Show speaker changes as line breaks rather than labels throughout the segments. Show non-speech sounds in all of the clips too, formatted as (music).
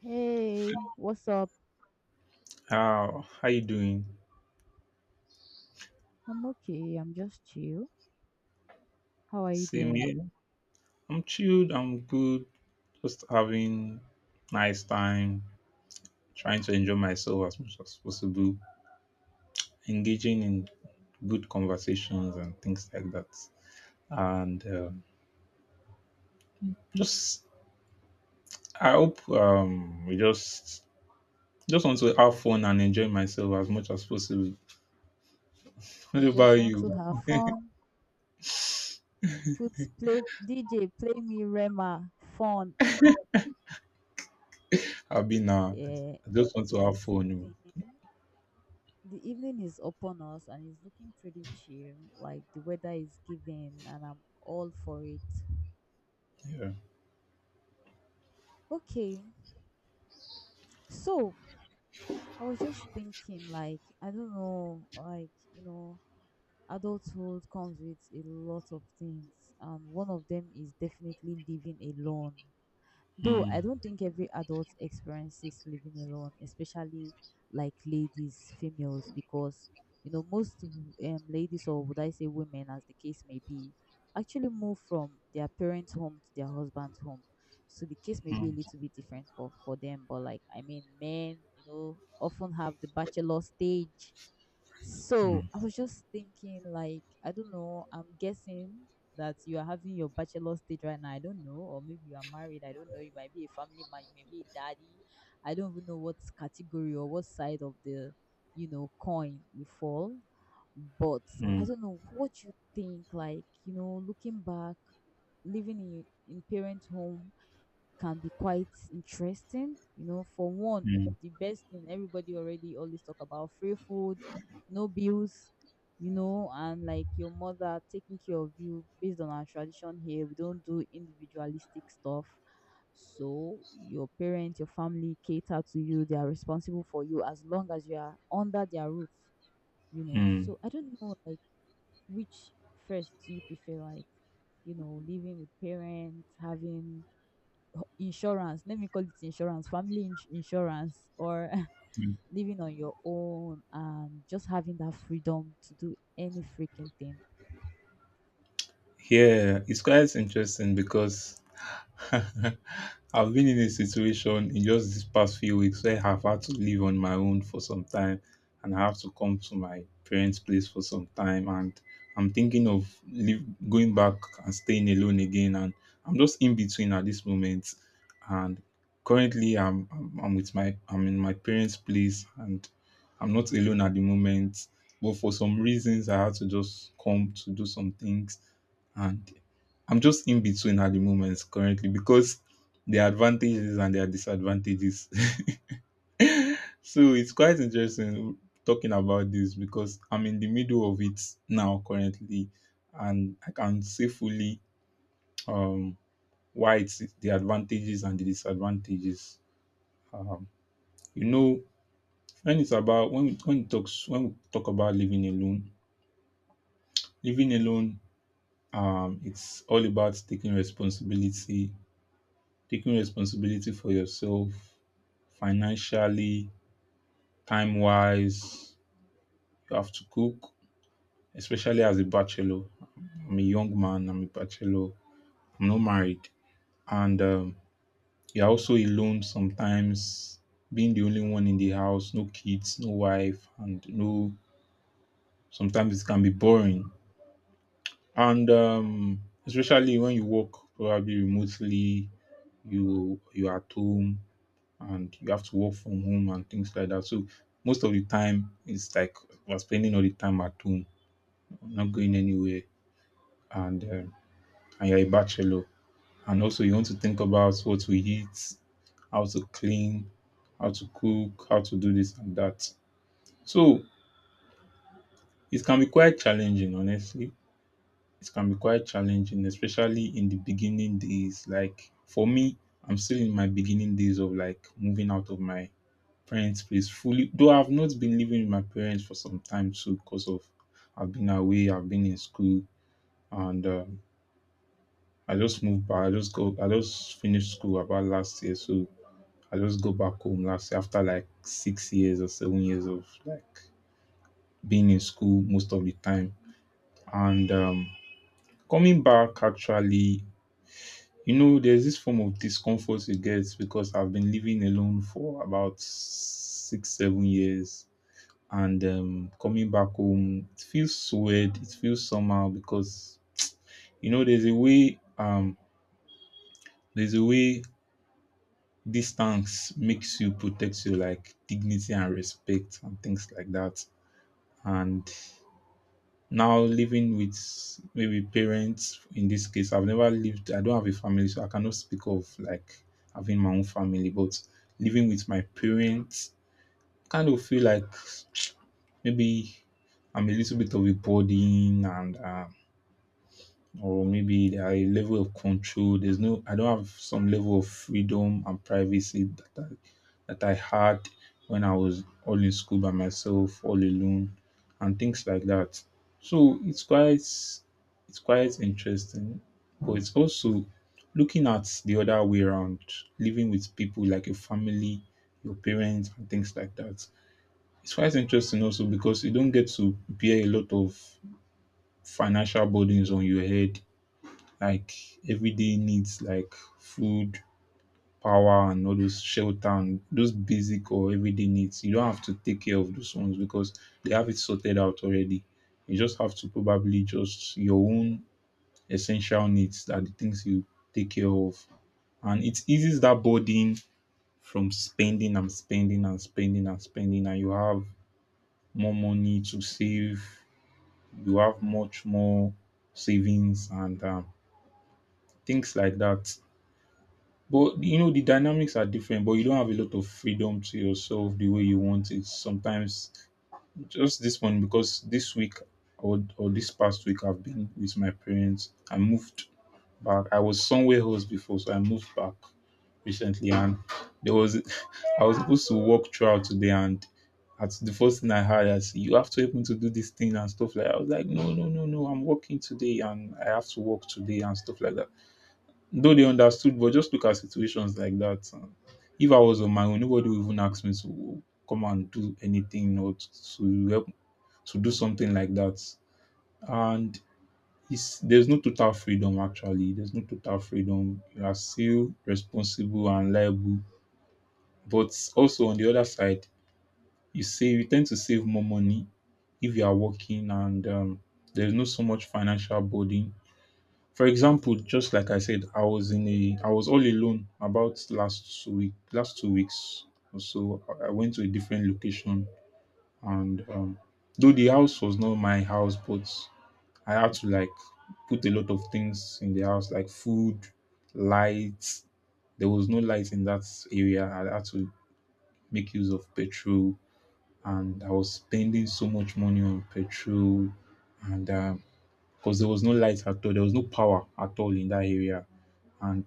Hey, what's up?
How you doing?
I'm okay. I'm just chill. How are you
Same
doing?
here. I'm chilled. I'm good. Just having nice time, trying to enjoy myself as much as possible, engaging in good conversations and things like that. And just I hope we just want to have fun and enjoy myself as much as possible. (laughs) What
I just
about
want to
you?
have fun. Put play DJ, play me Rema. Fun. Yeah,
I just want to
it's
have
the same
fun.
thing.
Oh.
The evening is upon us and it's looking pretty chill. Like the weather is giving and I'm all for it.
Yeah.
Okay. So, I was just thinking like I don't know, like, you know, adulthood comes with a lot of things, and one of them is definitely living alone. Though
Mm,
I don't think every adult experiences living alone, especially like ladies, females, because you know most ladies or would I say women, as the case may be, actually move from their parents' home to their husband's home. So the case may be a
mm,
little bit different for them, but like I mean, men, you know, often have the bachelor stage, so
mm,
I was just thinking, like, I don't know, I'm guessing that you are having your bachelor stage right now. I don't know, or maybe you are married. I don't know. You might be a family man, you may be a daddy. I don't even know what category or what side of the, you know, coin you fall. But I
mm,
don't know what you think, like, you know, looking back, living in parent home can be quite interesting. You know, for one,
mm,
the best thing everybody already always talk about free food, no bills, you know, and like your mother taking care of you based on our tradition here. We don't do individualistic stuff. So your parents, your family cater to you, they are responsible for you as long as you are under their roof, you know.
mm.
So I don't know, like which first do you prefer, like you know, living with parents, having ho insurance, let me call it insurance, family ins insurance, or (laughs) living on your own and just having that freedom to do any freaking thing.
Yeah, it's quite interesting because (laughs) I've been in a situation in just these past few weeks where I've had to live on my own for some time, and I have to come to my parents' place for some time, and I'm thinking of going back and staying alone again, and I'm just in between at this moment. And currently I'm in my parents' place, and I'm not alone at the moment, but for some reasons I had to just come to do some things. And I'm just in between at the moment currently, because there are advantages and there are disadvantages. (laughs) So it's quite interesting talking about this because I'm in the middle of it now currently, and I can say fully um, why it's the advantages and the disadvantages. Um, you know, when it's about when we talk about living alone, it's all about taking responsibility, taking responsibility for yourself financially, time wise. You have to cook, especially as a bachelor. I'm a young man, I'm a bachelor, I'm not married. And you're also alone sometimes, being the only one in the house, no kids, no wife, and no, sometimes it can be boring. And especially when you work probably remotely, you are at home and you have to work from home and things like that. So most of the time, it's like we're spending all the time at home, not going anywhere, and um, and you're a bachelor, and also you want to think about what to eat, how to clean, how to cook, how to do this and that. So it can be quite challenging, honestly. It can be quite challenging, especially in the beginning days. Like for me, I'm still in my beginning days of like moving out of my parents' place fully, though I've not been living with my parents for some time too, cause of I've been away, I've been in school. And, I just moved back. I just go. I just finished school about last year, so I just go back home last year after like 6 years or 7 years of, like, being in school most of the time. And, coming back actually, you know, there's this form of discomfort you get because I've been living alone for about 6, 7 years. And coming back home, it feels so weird, it feels somehow, because you know there's a way distance makes you protect your like dignity and respect and things like that. And now living with maybe parents, in this case I've never lived, I don't have a family, so I cannot speak of like having my own family. But living with my parents kind of feel like (tsk) maybe I'm a little bit of a burden, and or maybe a level of control. There's no, I don't have some level of freedom and privacy that I had when I was all in school by myself, all alone, and things like that. So it's quite interesting, but it's also looking at the other way around, living with people like your family, your parents, and things like that. It's quite interesting also, because you don't get to bear a lot of financial burdens on your head, like everyday needs like food, power, and all those shelter and those basic or everyday needs. You don't have to take care of those ones because they have it sorted out already. You just have to probably just your own essential needs are the things you take care of. And it eases that burden from spending and spending and spending and spending, and you have more money to save. You have much more savings and things like that. But you know the dynamics are different, but you don't have a lot of freedom to yourself the way you want it. Sometimes just this one because this week or this past week I've been with my parents. I moved back. I was somewhere else before, so I moved back recently. And there was (laughs) I was supposed to walk throughout today, and at the first thing I heard, I said, "You have to help me to do this thing and stuff," like I was like, "No, no, no, no, I'm working today and I have to work today," and stuff like that. Though they understood, but just look at situations like that. If I was on my own, nobody would even ask me to come and do anything or to help to do something like that. And it's, there's no total freedom actually. There's no total freedom. You are still responsible and liable. But also on the other side, you save. You tend to save more money if you are working, and there's no so much financial burden. For example, just like I said, I was in a I was all alone about last week last 2 weeks or so. I went to a different location, and though the house was not my house, but I had to like put a lot of things in the house like food, lights. There was no light in that area. I had to make use of petrol, and I was spending so much money on petrol. And because there was no light at all, there was no power at all in that area. And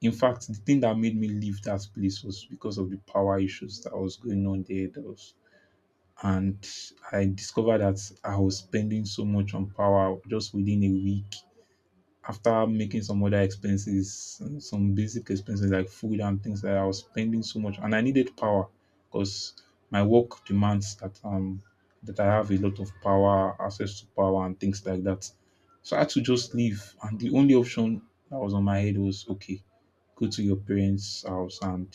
in fact, the thing that made me leave that place was because of the power issues that was going on there. That was, and I discovered that I was spending so much on power just within a week after making some other expenses, some basic expenses like food and things like that. I was spending so much, and I needed power because my work demands that that I have a lot of power, access to power, and things like that. So I had to just leave, and the only option that was on my head was okay, go to your parents' house, and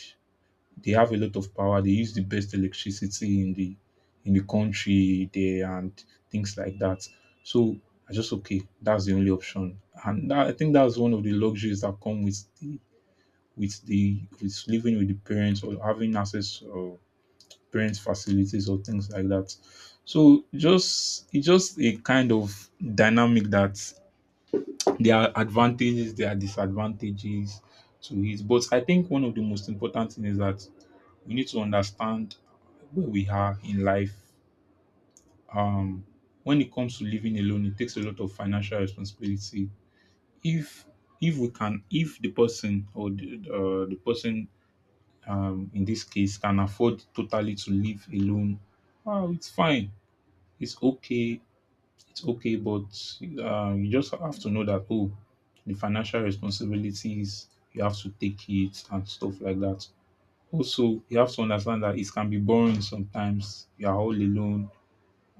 they have a lot of power. They use the best electricity in the country there and things like that. So I just okay, that's the only option. And that, I think that's one of the luxuries that come with the with living with the parents, or having access, or parents facilities or things like that. So just it's just a kind of dynamic that there are advantages, there are disadvantages to it. But I think one of the most important thing is that we need to understand where we are in life. Um, when it comes to living alone, it takes a lot of financial responsibility. If if the person or the person in this case can afford totally to live alone, wow, it's fine. It's okay. It's okay, but you just have to know that oh, the financial responsibilities you have to take it and stuff like that. Also, you have to understand that it can be boring sometimes. You are all alone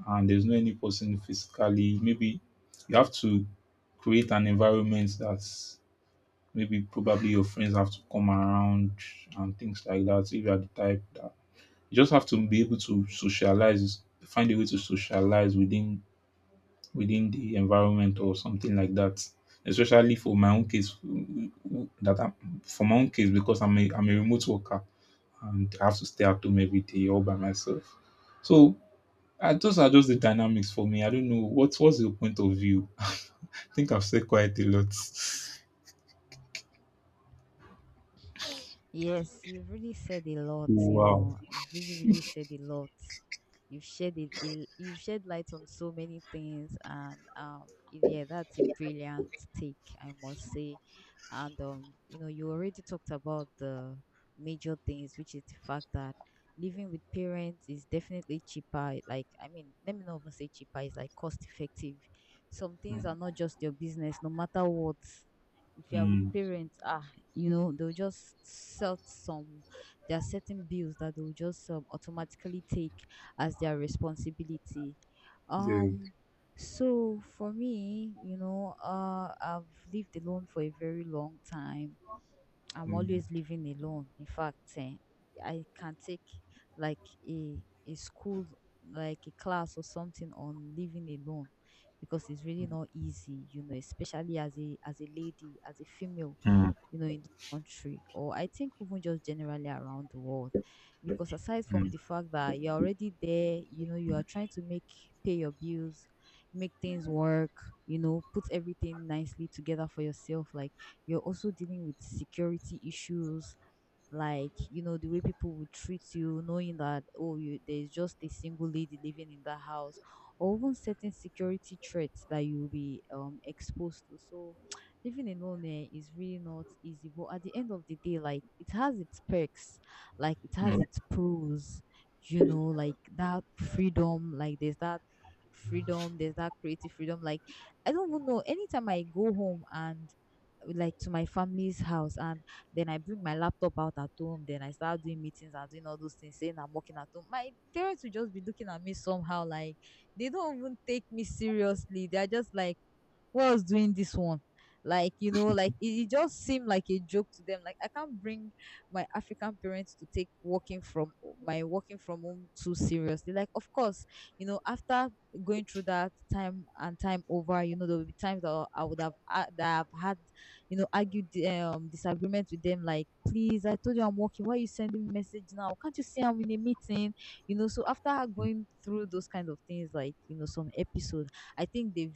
and there's no any person physically. Maybe you have to create an environment that's maybe probably your friends have to come around and things like that. If you are the type that you just have to be able to socialize, find a way to socialize within within the environment or something like that. Especially for my own case, that I'm, for my own case because I'm a remote worker, and I have to stay at home every day all by myself. So I, those are just the dynamics for me. I don't know what's your point of view. (laughs) I think I've said quite a lot.
Yes, you've really said a lot, you
Wow.
know. You've really, really said a lot. You've shed it, il- you've shed light on so many things, and yeah, that's a brilliant take, I must say. And you know, you already talked about the major things, which is the fact that living with parents is definitely cheaper. Like, I mean, let me not even say cheaper, it's like cost effective. Some things are not just your business, no matter what. If you are with
Mm.
parents, you know they'll just set some, there are certain bills that they'll just automatically take as their responsibility.
Yeah.
um so for me, you know, I've lived alone for a very long time. I'm
Mm,
always living alone, in fact, I can take like a school, like a class or something on living alone, because it's really not easy, you know, especially as a lady, as a female,
mm,
you know, in the country, or I think even just generally around the world. Because aside from
mm,
the fact that you're already there, you know, you are trying to make, pay your bills, make things work, you know, put everything nicely together for yourself. Like you're also dealing with security issues, like you know the way people would treat you, knowing that oh you there's just a single lady living in that house or even certain security threats that you'll be exposed to. So (tsk) living alone, is really not easy, but at the end of the day, like it has its perks, like it
mm,
has
mm,
its pros, you know, like that freedom, like there's that freedom, there's that creative freedom. Like I don't even know, anytime I go home and like to my family's house and then I bring my laptop out at home. Then I start doing meetings and doing all those things, saying I'm working at home. My parents will just be looking at me somehow like they don't even take me seriously. They're just like, what's doing this one, like you know like it just seemed like a joke to them. Like I can't bring my African parents to take working from home too seriously. Like of course, you know, after going through that time and time over, you know there will be times that I would have that I've had, you know, argued disagreement with them, like please I told you I'm working, why are you sending me message now, can't you see I'm in a meeting? You know, so after going through those kind of things, like you know some episode, I think they've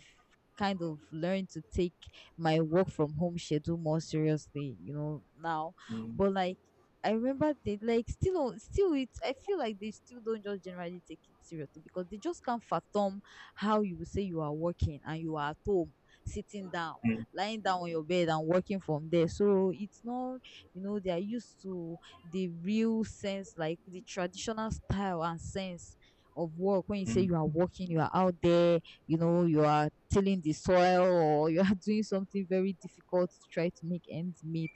kind of learn to take my work from home schedule more seriously, you know, now.
mm, mm,
But like I remember they like still don't- still it I feel like they still don't just generally take it seriously, because they just can't fathom how you will say you are working and you are at home sitting down, lying down on your bed and working from there. So it's not, you know, they are used to the real sense, like the traditional style and sense of work, when you say you are working, you are out there, you know you are tilling the soil or you are (laughs) doing something very difficult to try to make ends meet.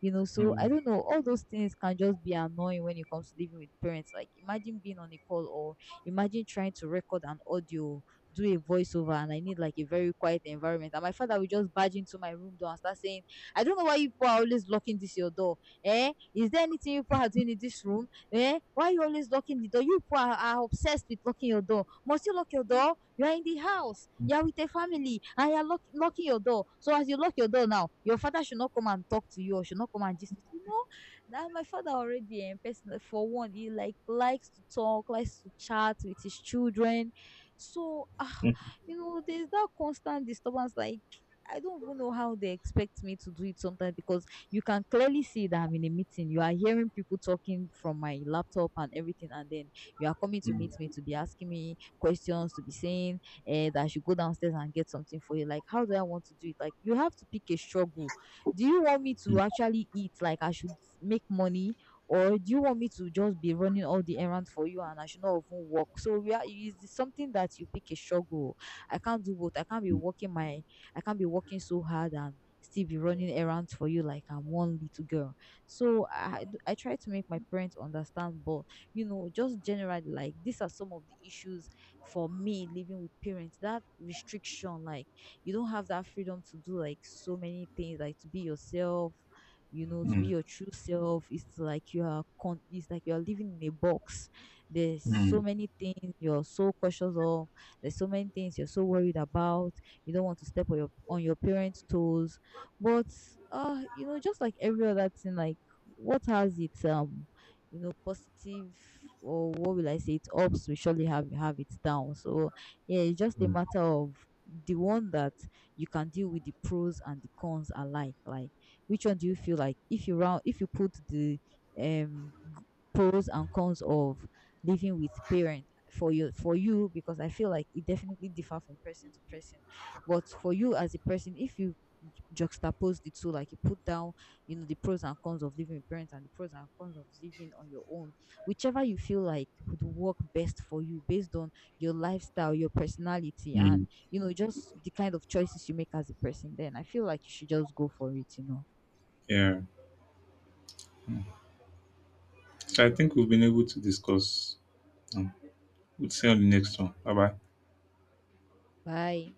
You know,
mm,
so I
mm,
don't know, all those things can just be annoying when it comes to living with parents. Like imagine being on a call or imagine trying to record an audio, do a voiceover, and I need like a very quiet environment, and my father will just barge into my room door and start saying, I don't know why you people are always locking this your door, eh is there anything you people are doing in this room, eh why you always locking the door, you people are obsessed with locking your door, must you lock your door, you are in the house. You are with a family and you are lock- knocking your door. So as you lock your door now, your father should not come and talk to you or should not come and just you know. That my father already and person, for one he like likes to talk, likes to chat with his children. So
mm,
you know there's that constant disturbance, like I don't even know how they expect me to do it sometimes, because you can clearly see that I'm in a meeting. You are hearing people talking from my laptop and everything, and then you are coming to meet me to be asking me questions, to be saying that I should go downstairs and get something for you. Like, how do I want to do it? Like, you have to pick a struggle. Do you want me to actually eat? Like, I should make money, or do you want me to just be running all the errands for you and I should not even work? So, we are, it is something that you pick a struggle. I can't do both. I can't be working my, I can't be working so hard and still be running errands for you like I'm one little girl. So I. I try to make my parents understand, but you know, just generally like these are some of the issues for me living with parents, that restriction. Like you don't have that freedom to do like so many things, like to be yourself, you know, to be
mm,
your true self. It's like you are con- it's like you are living in a box. There's so
mm,
many things you're so cautious of, there's so many things you're so worried about, you don't want to step on your parents toes. But you know, just like every other thing, like what has its you know positive, or what will I say, it ups will surely have its down. So yeah, it's just a
mm,
matter of the one that you can deal with, the pros and the cons alike. Like which one do you feel like, if you round, if you put the g- pros and cons of living with parent for you, because I feel like it definitely differ from person to person. But for you as a person, if you ju- juxtapose the two, like you put down you know the pros and cons of living with parents and the pros and cons of living on your own, whichever you feel like would work best for you based on your lifestyle, your personality,
mm.
and you know just the kind of choices you make as a person, then I feel like you should just go for it, you know.
Yeah. Mm. So I think we've been able to discuss. Um, we'll see you on the next one. Bye bye.
Bye.